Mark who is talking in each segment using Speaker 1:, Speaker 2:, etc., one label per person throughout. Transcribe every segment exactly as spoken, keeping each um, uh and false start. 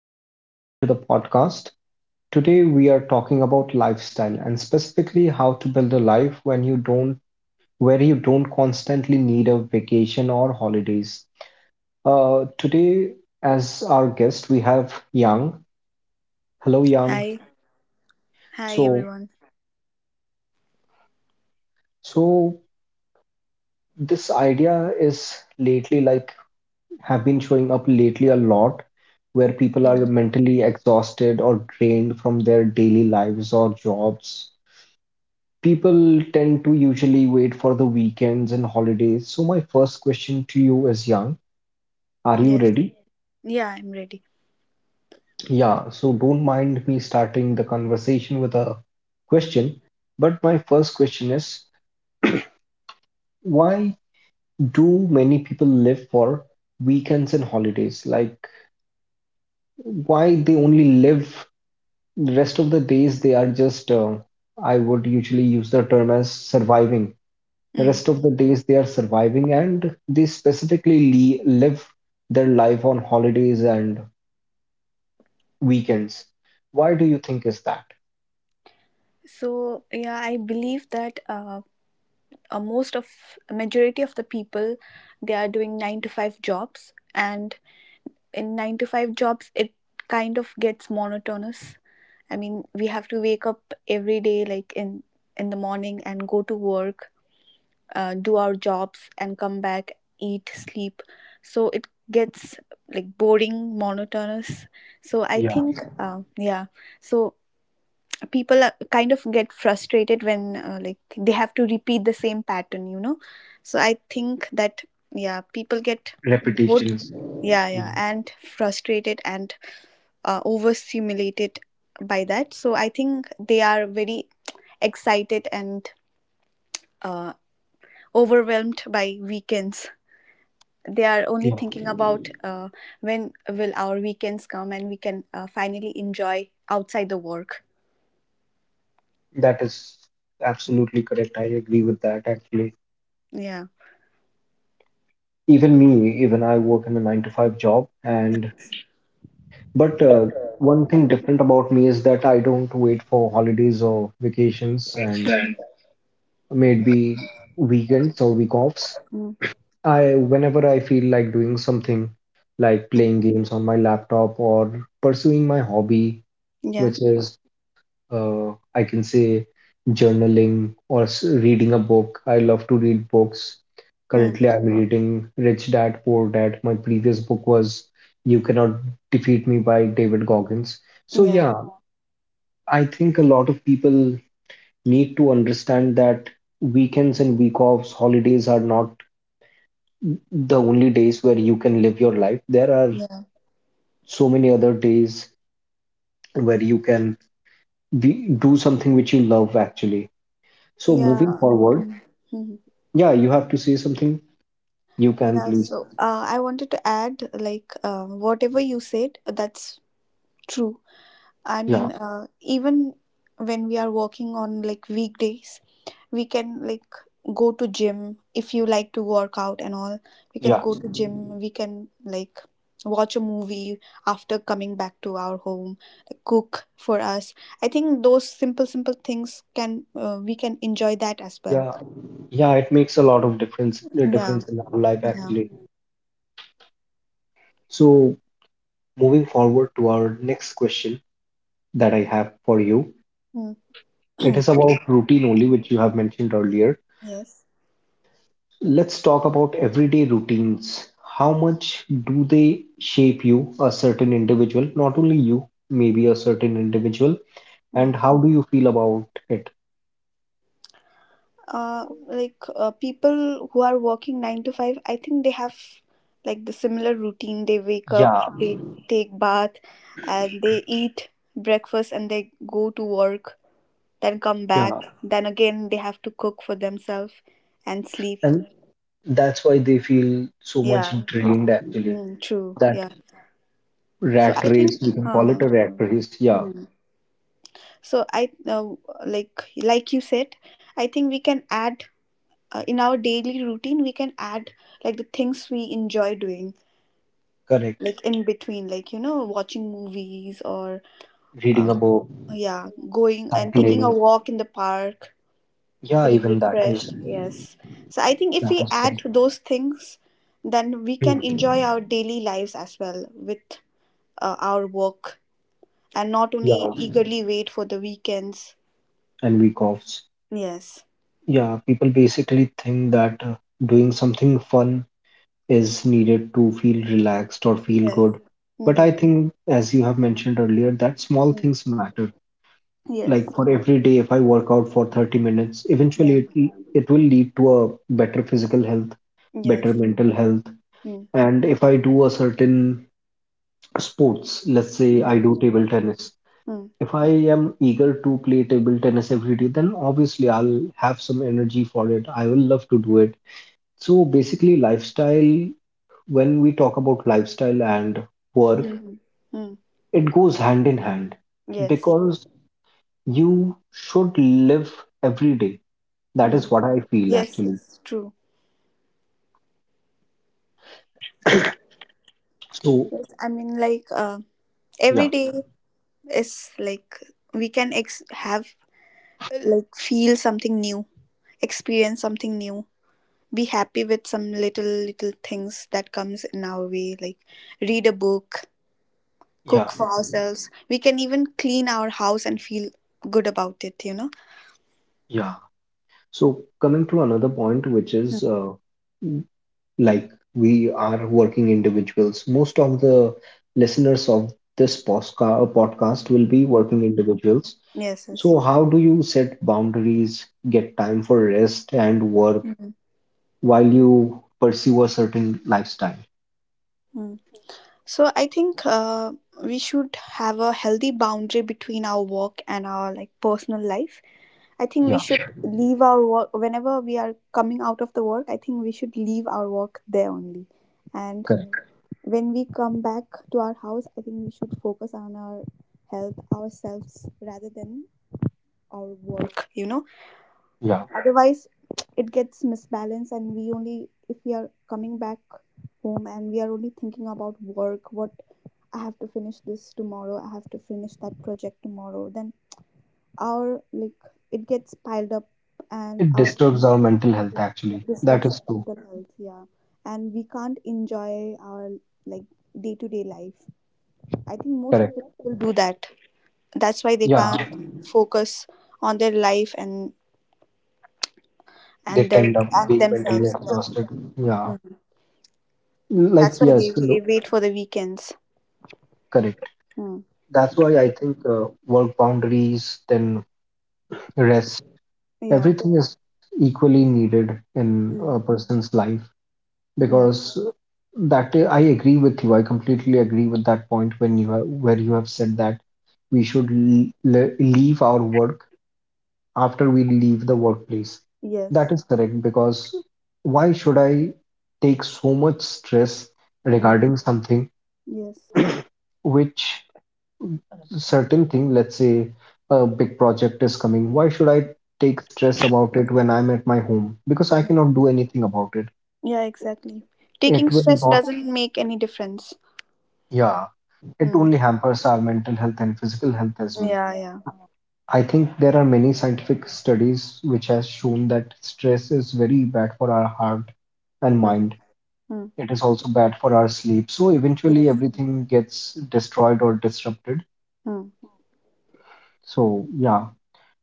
Speaker 1: everyone. Welcome to the podcast. Today, we are talking about lifestyle and specifically how to build a life when you don't, where you don't constantly need a vacation or holidays. Uh, today, as our guest, we have Yang. Hello,
Speaker 2: Hi,
Speaker 1: Yang.
Speaker 2: hi everyone.
Speaker 1: So, so this idea is lately like have been showing up lately a lot, where people
Speaker 2: Mm,
Speaker 1: are mentally exhausted or drained from their daily lives or jobs. People tend to usually wait for the weekends and holidays. So my first question to you is, Yang, are you
Speaker 2: Yes,
Speaker 1: ready?
Speaker 2: yeah, I'm ready.
Speaker 1: Yeah, so don't mind me starting the conversation with a question, but my first question is, why do many people live for weekends and holidays? Like, why they only live the rest of the days they are just uh, I would usually use the term as surviving. The
Speaker 2: Mm.
Speaker 1: rest of the days they are surviving and they specifically le- live their life on holidays and weekends. Why do you think is that?
Speaker 2: So yeah, I believe that uh, uh, most of majority of the people they are doing nine to five jobs, and in nine to five jobs it kind of gets monotonous. I mean, we have to wake up every day, like in in the morning and go to work, uh, do our jobs and come back, eat, sleep. So it gets like boring, monotonous. So I
Speaker 1: Yeah.
Speaker 2: think, uh, yeah, so people are- kind of get frustrated when, uh, like, they have to repeat the same pattern, you know. So I think that yeah, people get bored,
Speaker 1: Repetitions.
Speaker 2: yeah,
Speaker 1: Yeah.
Speaker 2: yeah, and frustrated and uh, overstimulated by that. So I think they are very excited and uh, overwhelmed by weekends. They are only
Speaker 1: Yeah.
Speaker 2: thinking about, uh, when will our weekends come and we can uh, finally enjoy outside the work.
Speaker 1: That is absolutely correct. I agree with that actually.
Speaker 2: Yeah
Speaker 1: Even me, even I work in a nine to five job and but uh, one thing different about me is that I don't wait for holidays or vacations and maybe weekends or week offs.
Speaker 2: Mm.
Speaker 1: I whenever I feel like doing something like playing games on my laptop or pursuing my hobby,
Speaker 2: yeah
Speaker 1: which is uh, I can say journaling or s- reading a book. I love to read books.
Speaker 2: mm.
Speaker 1: Currently, I'm reading Rich Dad Poor Dad. My previous book was You Cannot Defeat Me by David Goggins. So
Speaker 2: yeah
Speaker 1: yeah, I think a lot of people need to understand that weekends and week offs, holidays are not the only days where you can live your life. There are
Speaker 2: yeah
Speaker 1: so many other days where you can be, do something which you love actually. So moving
Speaker 2: yeah.
Speaker 1: forward,
Speaker 2: Mhm.
Speaker 1: yeah, you have to say something. You can
Speaker 2: Yeah,
Speaker 1: please.
Speaker 2: so uh, I wanted to add, like, uh, whatever you said, that's true. I
Speaker 1: Yeah,
Speaker 2: mean, uh, even when we are working on like weekdays, we can like go to gym if you like to work out and all. We can
Speaker 1: yeah,
Speaker 2: go to gym. We can like watch a movie after coming back to our home. Cook for us. I think those simple, simple things can, uh, we can enjoy that as well.
Speaker 1: yeah, yeah. It makes a lot of difference. A
Speaker 2: Yeah,
Speaker 1: difference in our life
Speaker 2: yeah.
Speaker 1: actually. So moving forward to our next question that I have for you.
Speaker 2: Mm.
Speaker 1: It is about routine only, which you have mentioned earlier.
Speaker 2: Yes.
Speaker 1: Let's talk about everyday routines. How much do they shape you, a certain individual? Not only you, maybe a certain individual. And
Speaker 2: Mm.
Speaker 1: how do you feel about it?
Speaker 2: Uh, like, uh, people who are working nine to five, I think they have like the similar routine. They wake up,
Speaker 1: Yeah,
Speaker 2: they take bath, and they eat breakfast, and they go to work, then come back,
Speaker 1: yeah.
Speaker 2: then again they have to cook for themselves and sleep.
Speaker 1: And that's why they feel so much
Speaker 2: Yeah.
Speaker 1: drained, actually.
Speaker 2: Mm, true,
Speaker 1: That
Speaker 2: yeah. So
Speaker 1: rat
Speaker 2: I think,
Speaker 1: race, we can call
Speaker 2: uh-huh.
Speaker 1: it a rat race. Yeah,
Speaker 2: mm. So i uh, like like you said, I think we can add, uh, in our daily routine we can add like the things we enjoy doing,
Speaker 1: correct.
Speaker 2: like in between, like, you know, watching movies or, uh,
Speaker 1: Reading a book,
Speaker 2: yeah, going and taking a
Speaker 1: cycling.
Speaker 2: walk in the park,
Speaker 1: Yeah,
Speaker 2: feeling
Speaker 1: even that is
Speaker 2: refreshed. Yes, so I think if
Speaker 1: that
Speaker 2: we
Speaker 1: is
Speaker 2: add
Speaker 1: good.
Speaker 2: to those things, then we
Speaker 1: Hmm.
Speaker 2: can enjoy our daily lives as well with uh, our work, and not
Speaker 1: Yeah,
Speaker 2: only eagerly wait for the weekends.
Speaker 1: and week off.
Speaker 2: Yes,
Speaker 1: Yeah, people basically think that uh, doing something fun is needed to feel relaxed or feel
Speaker 2: yes.
Speaker 1: good. But
Speaker 2: Mm-hmm.
Speaker 1: I think, as you have mentioned earlier, that small
Speaker 2: Mm-hmm.
Speaker 1: things matter. Like
Speaker 2: Yes.
Speaker 1: for every day, if I work out for thirty minutes, eventually
Speaker 2: Yeah.
Speaker 1: it, will- it will lead to a better physical health, better
Speaker 2: Yes.
Speaker 1: mental health.
Speaker 2: mm.
Speaker 1: And if I do a certain sports, let's say I
Speaker 2: yeah
Speaker 1: do table tennis,
Speaker 2: mm.
Speaker 1: if I am eager to play table tennis every day, then obviously I'll have some energy for it. I will love to do it. So basically, lifestyle, when we talk about lifestyle and work,
Speaker 2: Mm-hmm. Mm.
Speaker 1: it goes hand in hand
Speaker 2: Yes.
Speaker 1: because you should live every day. That
Speaker 2: mm.
Speaker 1: is what I feel
Speaker 2: Yes,
Speaker 1: actually.
Speaker 2: it's true.
Speaker 1: So,
Speaker 2: Yes, I mean, like, uh, every
Speaker 1: yeah,
Speaker 2: day is like we can ex- have like feel something new, experience something new, be happy with some little, little things that comes in our way. Like read a book, cook
Speaker 1: yeah,
Speaker 2: for ourselves. We can even clean our house and feel good about it, you know.
Speaker 1: yeah. So, coming to another point, which is uh, m- like we are working individuals. Most of the listeners of this posca- uh, podcast will be
Speaker 2: Mm.
Speaker 1: working individuals.
Speaker 2: Yes. Yes.
Speaker 1: So, how do you set boundaries, get time for rest and work
Speaker 2: Mhm.
Speaker 1: while you pursue a certain lifestyle?
Speaker 2: Mm. So I think, uh, we should have a healthy boundary between our work and our like personal life. I think we
Speaker 1: Yeah,
Speaker 2: should leave our work whenever we are coming out of the work. I think we should leave our work there only. And
Speaker 1: correct.
Speaker 2: when we come back to our house, I think we should focus on our health, ourselves, rather than our work, you know.
Speaker 1: Yeah,
Speaker 2: Otherwise, it gets misbalanced, and we only, if we are coming back home and we are only thinking about work, what I have to finish this tomorrow, I have to finish that project tomorrow, then our like it gets piled up, and
Speaker 1: it
Speaker 2: our
Speaker 1: disturbs our mental health actually. That
Speaker 2: disturbs our
Speaker 1: is true.
Speaker 2: mental health, yeah. And we can't enjoy our like day-to-day life. I think most of the
Speaker 1: Correct.
Speaker 2: people do that, that's why they can't
Speaker 1: Yeah,
Speaker 2: Yeah. focus on their life and
Speaker 1: they
Speaker 2: and their
Speaker 1: tend up
Speaker 2: and
Speaker 1: being mentally
Speaker 2: themselves, yeah.
Speaker 1: exhausted. Yeah,
Speaker 2: Mm.
Speaker 1: like,
Speaker 2: That's why they
Speaker 1: yes,
Speaker 2: wa-
Speaker 1: no,
Speaker 2: wait for the weekends.
Speaker 1: correct.
Speaker 2: Mm.
Speaker 1: That's why I think uh, work boundaries, then rest,
Speaker 2: yeah
Speaker 1: everything is equally needed in
Speaker 2: mm.
Speaker 1: a person's life
Speaker 2: yeah
Speaker 1: because that I agree with you. I completely agree with that point when you have, where you have said that we should le- le- leave our work after we leave the workplace. That
Speaker 2: yes
Speaker 1: is correct because why should I take so much stress
Speaker 2: mm.
Speaker 1: regarding something
Speaker 2: Yes.
Speaker 1: which certain thing, let's say a big project is coming, why should I take stress about it when I'm at my home? Because I
Speaker 2: Yeah.
Speaker 1: cannot do anything about it.
Speaker 2: Yeah, exactly,
Speaker 1: It
Speaker 2: taking
Speaker 1: will
Speaker 2: stress
Speaker 1: not,
Speaker 2: doesn't make any difference.
Speaker 1: yeah. It
Speaker 2: Mm.
Speaker 1: only hampers our mental health and physical health as well.
Speaker 2: Yeah, yeah.
Speaker 1: I think there are many scientific studies which has shown that stress is very bad for our heart and
Speaker 2: mm.
Speaker 1: mind.
Speaker 2: Mm.
Speaker 1: It is also bad for our sleep. So eventually
Speaker 2: Yes.
Speaker 1: everything gets destroyed or disrupted.
Speaker 2: mm.
Speaker 1: So yeah.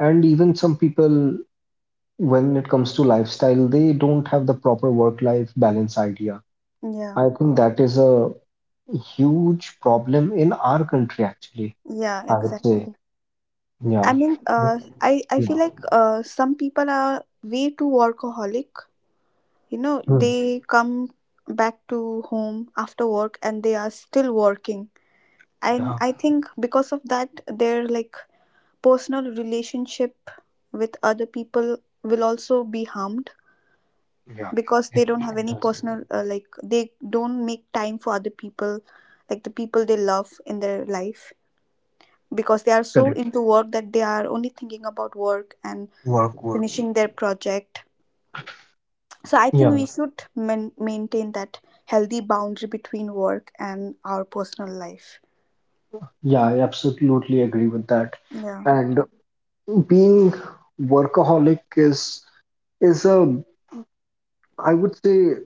Speaker 1: And even some people, when it comes to lifestyle, they don't have the proper work-life balance idea.
Speaker 2: Yeah,
Speaker 1: I think that is a huge problem in our country actually,
Speaker 2: yeah,
Speaker 1: I would
Speaker 2: exactly.
Speaker 1: say.
Speaker 2: I
Speaker 1: Yeah.
Speaker 2: mean, uh, I I
Speaker 1: Yeah.
Speaker 2: feel like, uh, some people are way too workaholic. You know,
Speaker 1: Hmm.
Speaker 2: they come back to home after work and they are still working. And
Speaker 1: Yeah,
Speaker 2: I think because of that, their like personal relationship with other people will also be harmed,
Speaker 1: yeah,
Speaker 2: because
Speaker 1: it,
Speaker 2: they don't have
Speaker 1: it
Speaker 2: any
Speaker 1: does.
Speaker 2: personal, uh, like they don't make time for other people, like the people they love in their life, because they are so
Speaker 1: Correct.
Speaker 2: into work that they are only thinking about work and
Speaker 1: Work, work.
Speaker 2: finishing their project. So I think we
Speaker 1: Yeah,
Speaker 2: should man- maintain that healthy boundary between work and our personal life.
Speaker 1: yeah, I absolutely agree with that.
Speaker 2: Yeah.
Speaker 1: And being workaholic is is a I would say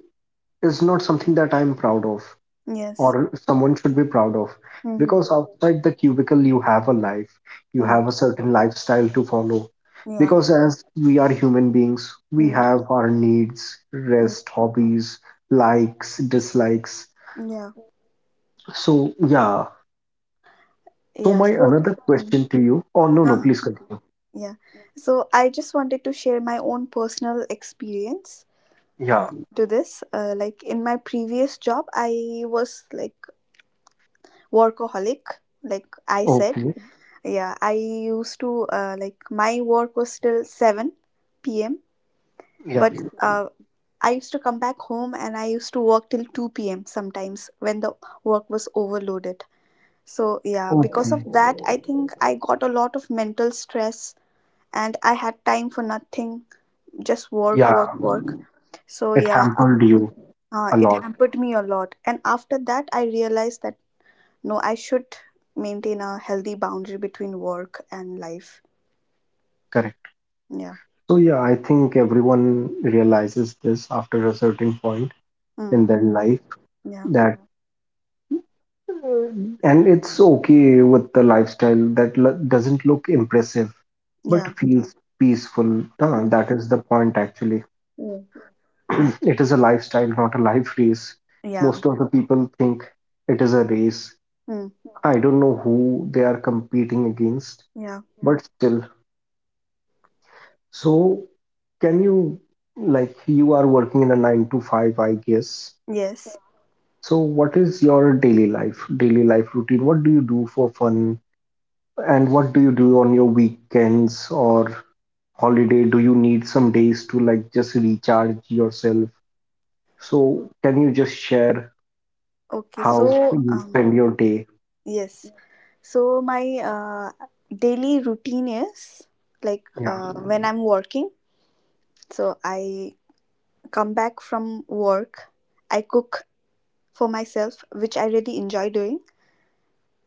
Speaker 1: is not something that I'm proud of
Speaker 2: Yes.
Speaker 1: or someone should be proud of
Speaker 2: Mm-hmm.
Speaker 1: because outside the cubicle you have a life, you
Speaker 2: Mm.
Speaker 1: have a certain lifestyle to follow.
Speaker 2: Yeah.
Speaker 1: Because as we are human beings, we
Speaker 2: Mm.
Speaker 1: have our needs,
Speaker 2: Mm.
Speaker 1: rest, hobbies, likes, dislikes.
Speaker 2: Yeah.
Speaker 1: So yeah. So
Speaker 2: Yeah.
Speaker 1: my
Speaker 2: So.
Speaker 1: another
Speaker 2: Mm.
Speaker 1: question to you. Oh no, no,
Speaker 2: Uh-huh.
Speaker 1: please continue.
Speaker 2: Yeah. So I just wanted to share my own personal experience
Speaker 1: Yeah.
Speaker 2: to this. Uh, like, in my previous job, I was like workaholic. Like I said,
Speaker 1: Okay.
Speaker 2: yeah, I used to, uh, like my work was till seven p m.
Speaker 1: Yeah.
Speaker 2: But, uh, I used to come back home and I used to work till two p m sometimes when the work was overloaded. So, yeah, because of
Speaker 1: Okay.
Speaker 2: that, I think I got a lot of mental stress and I had time for nothing, just work, work,
Speaker 1: Yeah.
Speaker 2: work. So,
Speaker 1: It
Speaker 2: yeah, uh,
Speaker 1: hampered you
Speaker 2: uh,
Speaker 1: a
Speaker 2: it
Speaker 1: lot.
Speaker 2: hampered me a lot. And after that, I realized that no, I should maintain a healthy boundary between work and life.
Speaker 1: Correct.
Speaker 2: Yeah.
Speaker 1: So yeah, I think everyone realizes this after a certain point
Speaker 2: Mm.
Speaker 1: in their life
Speaker 2: Yeah.
Speaker 1: that uh, and it's okay with the lifestyle that lo- doesn't look impressive
Speaker 2: Yeah.
Speaker 1: but feels peaceful. Huh,
Speaker 2: Mm.
Speaker 1: that is the point actually.
Speaker 2: Mm.
Speaker 1: It is a lifestyle, not a life race.
Speaker 2: Yeah.
Speaker 1: Most of the people think it is a race.
Speaker 2: Mm.
Speaker 1: I don't know who they are competing against,
Speaker 2: Yeah.
Speaker 1: but still. So, can you, like, you are working in a nine to five, I guess.
Speaker 2: Yes.
Speaker 1: So, what is your daily life, daily life routine? What do you do for fun? And what do you do on your weekends or holiday? Do you need some days to, like, just recharge yourself? So, can you just share
Speaker 2: Okay,
Speaker 1: how
Speaker 2: so
Speaker 1: you
Speaker 2: um
Speaker 1: spend your day?
Speaker 2: yes. So my uh daily routine is like,
Speaker 1: Yeah.
Speaker 2: uh when I'm working, so I come back from work, I cook for myself, which I really enjoy doing.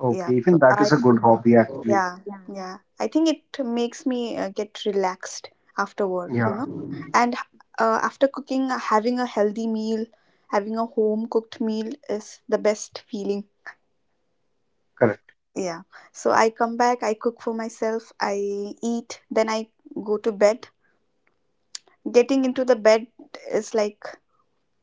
Speaker 1: Okay.
Speaker 2: Yeah.
Speaker 1: Even
Speaker 2: So
Speaker 1: that
Speaker 2: I
Speaker 1: is a good hobby, actually.
Speaker 2: yeah, yeah. I think it makes me uh, get relaxed after work, you
Speaker 1: Yeah.
Speaker 2: know. And uh, after cooking, having a healthy meal, having a home cooked meal is the best feeling.
Speaker 1: Correct.
Speaker 2: Yeah, so I come back, I cook for myself, I eat, then I go to bed. Getting into the bed is like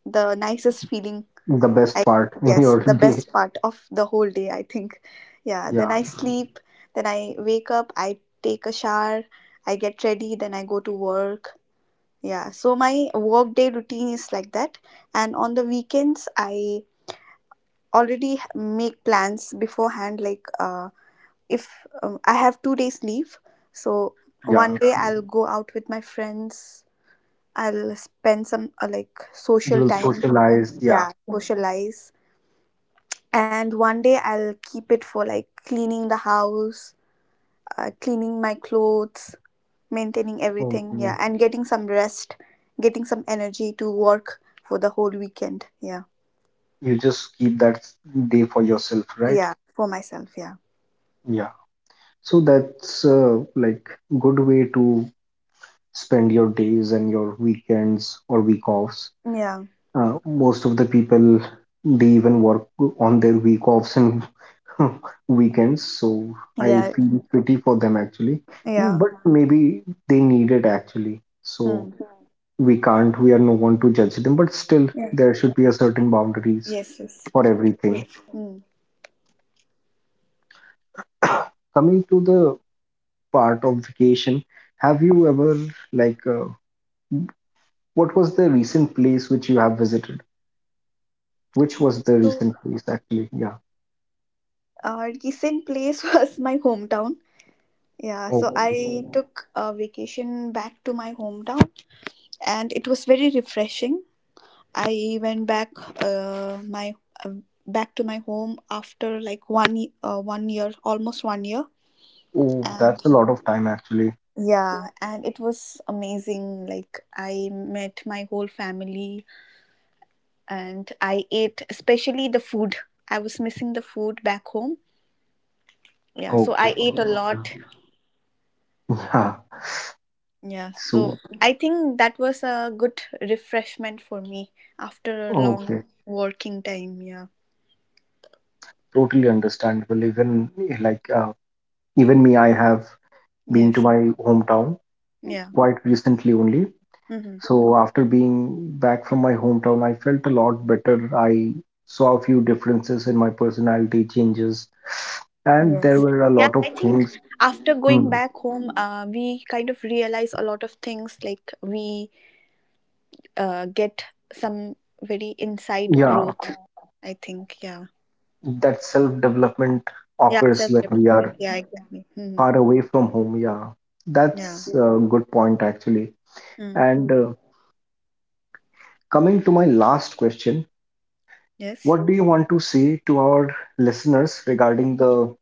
Speaker 2: the nicest feeling.
Speaker 1: The best
Speaker 2: I
Speaker 1: part in
Speaker 2: Yes,
Speaker 1: your
Speaker 2: the
Speaker 1: day.
Speaker 2: best part of the whole day, I think. Yeah, then
Speaker 1: Yeah.
Speaker 2: I sleep, then I wake up, I take a shower, I get ready, then I go to work. Yeah, so my work day routine is like that. And on the weekends, I already h- make plans beforehand like, uh, if um, I have two days leave, so one
Speaker 1: Yeah.
Speaker 2: day I'll go out with my friends. I'll spend some, uh, like,
Speaker 1: You
Speaker 2: social
Speaker 1: will
Speaker 2: time.
Speaker 1: socialize. Yeah.
Speaker 2: Yeah, socialize. And one day I'll keep it for like cleaning the house, uh, cleaning my clothes, maintaining everything.
Speaker 1: Okay.
Speaker 2: Yeah, and getting some rest, getting some energy to work for the whole weekend. Yeah,
Speaker 1: You just keep that day for yourself, right?
Speaker 2: yeah, for myself. Yeah,
Speaker 1: Yeah. So that's uh, like good way to spend your days and your weekends or week offs.
Speaker 2: yeah,
Speaker 1: Uh, most of the people they even work on their week offs and weekends, so I
Speaker 2: yeah,
Speaker 1: feel pity for them actually. Mm,
Speaker 2: yeah.
Speaker 1: But maybe they need it actually. So
Speaker 2: Mm.
Speaker 1: we can't, we are no one to judge them, but still
Speaker 2: Yeah.
Speaker 1: there should be a certain boundaries
Speaker 2: Yes, yes.
Speaker 1: for
Speaker 2: True.
Speaker 1: everything.
Speaker 2: Mm.
Speaker 1: Coming to the part of vacation, have you ever like uh, what was the recent place which you have visited? Which was the
Speaker 2: So
Speaker 1: recent place actually? Yeah.
Speaker 2: our recent place was my hometown. Yeah, so
Speaker 1: Okay.
Speaker 2: I took a vacation back to my hometown and it was very refreshing. I went back, uh, my uh, back to my home after like one ye- uh, one year, almost one year.
Speaker 1: Oh,
Speaker 2: And
Speaker 1: that's a lot of time actually.
Speaker 2: yeah, and it was amazing. Like I met my whole family and I ate, especially the food. I was missing the food back home. Yeah, so
Speaker 1: Okay.
Speaker 2: I ate a
Speaker 1: Yeah.
Speaker 2: lot.
Speaker 1: Yeah.
Speaker 2: Yeah, so
Speaker 1: So
Speaker 2: I think that was a good refreshment for me after a long
Speaker 1: okay,
Speaker 2: working time. Yeah.
Speaker 1: totally understandable. Even like uh, even me, I have been to
Speaker 2: Yes.
Speaker 1: my hometown
Speaker 2: Yeah.
Speaker 1: quite recently only.
Speaker 2: Mm-hmm.
Speaker 1: So after being back from my hometown, I felt a lot better. I saw a few differences in my personality changes,
Speaker 2: Yes.
Speaker 1: and there
Speaker 2: Yeah,
Speaker 1: were a
Speaker 2: I
Speaker 1: lot
Speaker 2: think
Speaker 1: of things.
Speaker 2: after going back
Speaker 1: Hmm.
Speaker 2: home, uh, we kind of realize a lot of things. Like we uh, get some very inside
Speaker 1: Yeah,
Speaker 2: growth, I think. Yeah.
Speaker 1: that self-development
Speaker 2: Yeah. Self
Speaker 1: occurs when we
Speaker 2: development. Yeah.
Speaker 1: are
Speaker 2: Exactly. Mm-hmm.
Speaker 1: far away from home. Yeah,
Speaker 2: Yeah.
Speaker 1: that's a good point actually.
Speaker 2: Mm.
Speaker 1: And uh, coming to my last question.
Speaker 2: Yes.
Speaker 1: What do you want to say to our listeners regarding the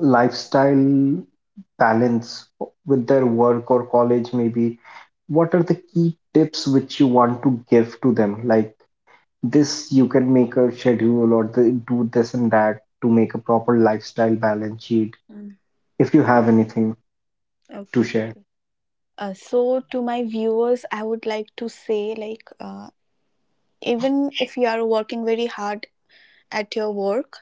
Speaker 1: lifestyle balance with their work or college, maybe? What are the key tips which you want to give to them? Like this, you can make a schedule or the, do this and that to make a proper lifestyle balance sheet,
Speaker 2: Mm,
Speaker 1: if you have anything to
Speaker 2: Okay.
Speaker 1: share.
Speaker 2: Uh, so, to my viewers, I would like to say, like, uh, even if you are working very hard at your work,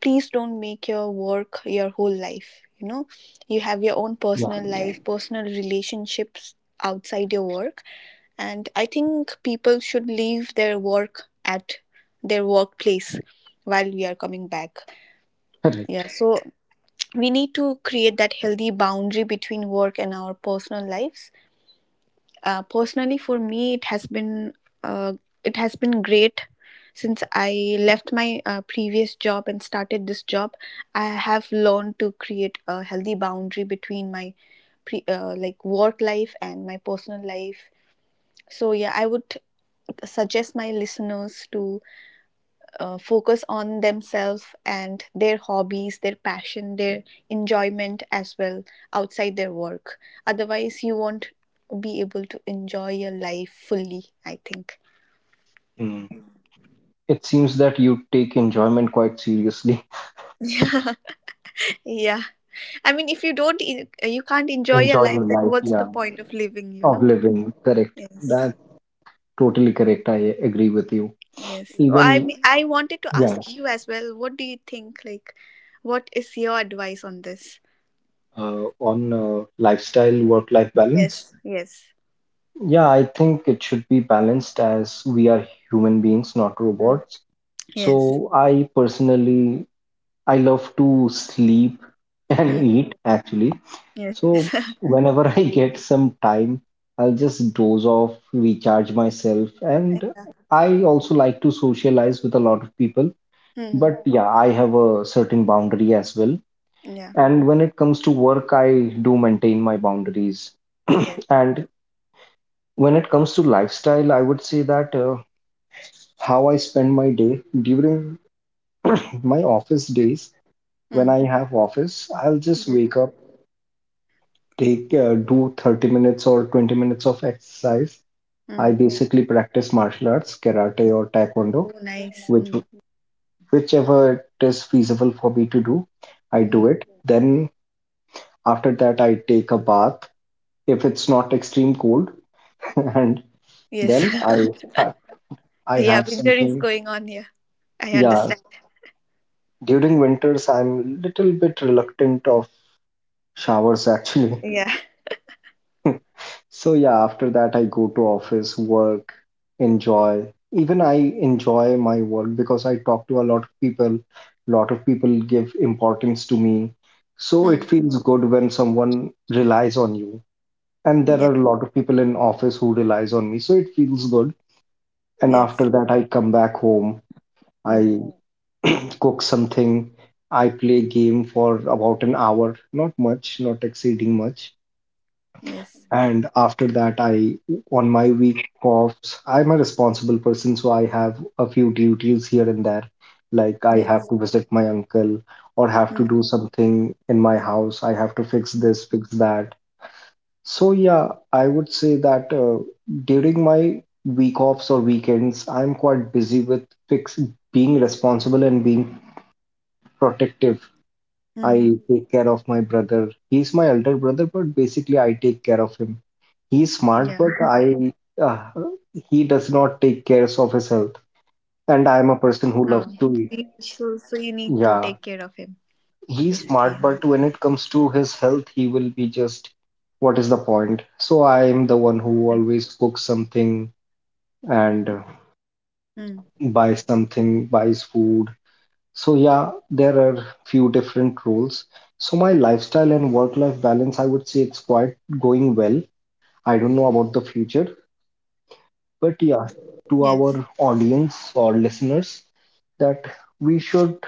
Speaker 2: please don't make your work your whole life, you know. You have your own
Speaker 1: Yeah,
Speaker 2: personal life, personal relationships outside your work. And I think people should leave their work at their workplace while we are coming back.
Speaker 1: correct.
Speaker 2: Yeah, so we need to create that healthy boundary between work and our personal lives. Uh, personally, for me, it has been uh, it has been great since I left my, uh, previous job and started this job. I have learned to create a healthy boundary between my pre- uh, like work life and my personal life. So yeah, I would suggest my listeners to uh, focus on themselves and their hobbies, their passion, their enjoyment as well outside their work. Otherwise, you won't be able to enjoy your life fully, I think.
Speaker 1: Mm. It seems that you take enjoyment quite seriously.
Speaker 2: Yeah, yeah. I mean, if you don't, en- uh, you can't enjoy your
Speaker 1: Enjoy your
Speaker 2: life, then
Speaker 1: life,
Speaker 2: what's the
Speaker 1: yeah,
Speaker 2: point of living, you
Speaker 1: of
Speaker 2: know?
Speaker 1: living, correct.
Speaker 2: Yes,
Speaker 1: That Totally correct. I agree with you.
Speaker 2: yes. Well, I
Speaker 1: Even,
Speaker 2: mean, I wanted to
Speaker 1: yeah,
Speaker 2: ask you as well, what do you think? Like, what is your advice on this?
Speaker 1: uh, on uh, lifestyle, work life balance.
Speaker 2: Yes, yes.
Speaker 1: Yeah, I think it should be balanced as we are human beings, not
Speaker 2: Mm.
Speaker 1: robots.
Speaker 2: Yes.
Speaker 1: So I personally, I love to sleep
Speaker 2: Mm.
Speaker 1: and eat actually.
Speaker 2: Yes.
Speaker 1: So whenever I get some time, I'll just doze off, recharge myself, and I also like to socialize with a lot of people.
Speaker 2: Mm.
Speaker 1: But yeah, I have a certain boundary as well.
Speaker 2: Yeah.
Speaker 1: And when it comes to work I do maintain my boundaries
Speaker 2: Yes.
Speaker 1: and when it comes to lifestyle I would say that uh, how I spend my day during my office days
Speaker 2: Mm.
Speaker 1: when I have office I'll just
Speaker 2: Yes.
Speaker 1: wake up take uh, do thirty minutes or twenty minutes of exercise. I
Speaker 2: Mm.
Speaker 1: basically practice martial arts karate or taekwondo
Speaker 2: Oh, nice.
Speaker 1: which
Speaker 2: Mm.
Speaker 1: whichever it is feasible for me to do I
Speaker 2: Hmm.
Speaker 1: do it then after that I take a bath if it's not extreme cold and
Speaker 2: Yes.
Speaker 1: then I I
Speaker 2: Yeah,
Speaker 1: have
Speaker 2: winter
Speaker 1: something.
Speaker 2: is going on here. I
Speaker 1: Yeah,
Speaker 2: understand.
Speaker 1: during winters I'm little bit reluctant of showers actually.
Speaker 2: Yeah.
Speaker 1: So yeah, after that I go to office, work, enjoy. Even I enjoy my work because I talk to a lot of people. Lot of people give importance to me. So
Speaker 2: Mm.
Speaker 1: it feels good when someone relies on you. And
Speaker 2: Yeah.
Speaker 1: there are a lot of people in office who relies on me. So it feels good. And
Speaker 2: Yes.
Speaker 1: after that I come back home.
Speaker 2: Mm.
Speaker 1: I cook something. I play game for about an hour, not much, not exceeding much.
Speaker 2: Yes.
Speaker 1: And after that, I on my week offs, I'm a responsible person, so I have a few duties here and there. Like I
Speaker 2: Yes.
Speaker 1: have to visit my uncle or have
Speaker 2: Mm-hmm.
Speaker 1: to do something in my house. I have to fix this, fix that. So yeah, I would say that uh, during my week offs or weekends, I'm quite busy with fix being responsible and being protective.
Speaker 2: Hmm.
Speaker 1: I take care of my brother. He's my elder brother, but basically I take care of him. He's
Speaker 2: Yeah.
Speaker 1: smart, but I uh, he does not take care of his health.
Speaker 2: Oh.
Speaker 1: And
Speaker 2: So
Speaker 1: I'm a
Speaker 2: you,
Speaker 1: person who
Speaker 2: so,
Speaker 1: loves
Speaker 2: so
Speaker 1: to
Speaker 2: you
Speaker 1: eat.
Speaker 2: need to take care of him,
Speaker 1: Yeah,
Speaker 2: basically, huh?
Speaker 1: he's smart, but when it comes to his health, he will be just, what is the point? So
Speaker 2: Mm.
Speaker 1: I'm the one who always cooks something
Speaker 2: Mm.
Speaker 1: and uh, buys something, buys food. So yeah, there are few different roles. So my lifestyle and work-life balance, I would say it's quite going well. I don't know about the future, but
Speaker 2: Yes.
Speaker 1: yeah, to our audience or listeners, that we should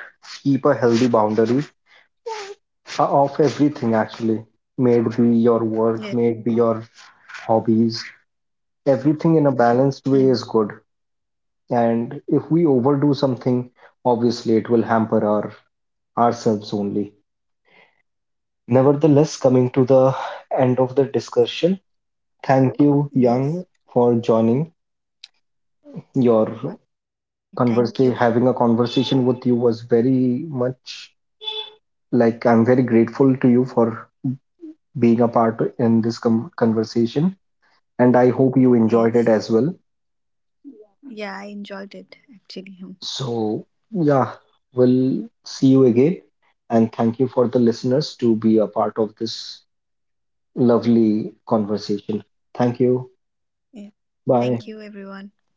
Speaker 1: keep a healthy boundary uh, of everything actually. May it
Speaker 2: Yes.
Speaker 1: be your work, may it be your hobbies, everything
Speaker 2: Mm.
Speaker 1: in a balanced way is good. And if we overdo something, obviously it will hamper our ourselves only. Nevertheless, coming to the end of the discussion,
Speaker 2: Yes.
Speaker 1: thank you, Yang, for joining.
Speaker 2: Uh, thank you. f-
Speaker 1: Your conversation, having a conversation with you was very much like I'm very grateful to you for being a part in this com- conversation, and I
Speaker 2: Yes.
Speaker 1: hope you enjoyed it as well.
Speaker 2: Yeah, I enjoyed it, actually. Hmm.
Speaker 1: So, yeah, we'll see you again, and thank you for the listeners to be a part of this lovely conversation. Thank
Speaker 2: Yeah.
Speaker 1: you.
Speaker 2: Thank you, everyone.
Speaker 1: Bye.
Speaker 2: Bye.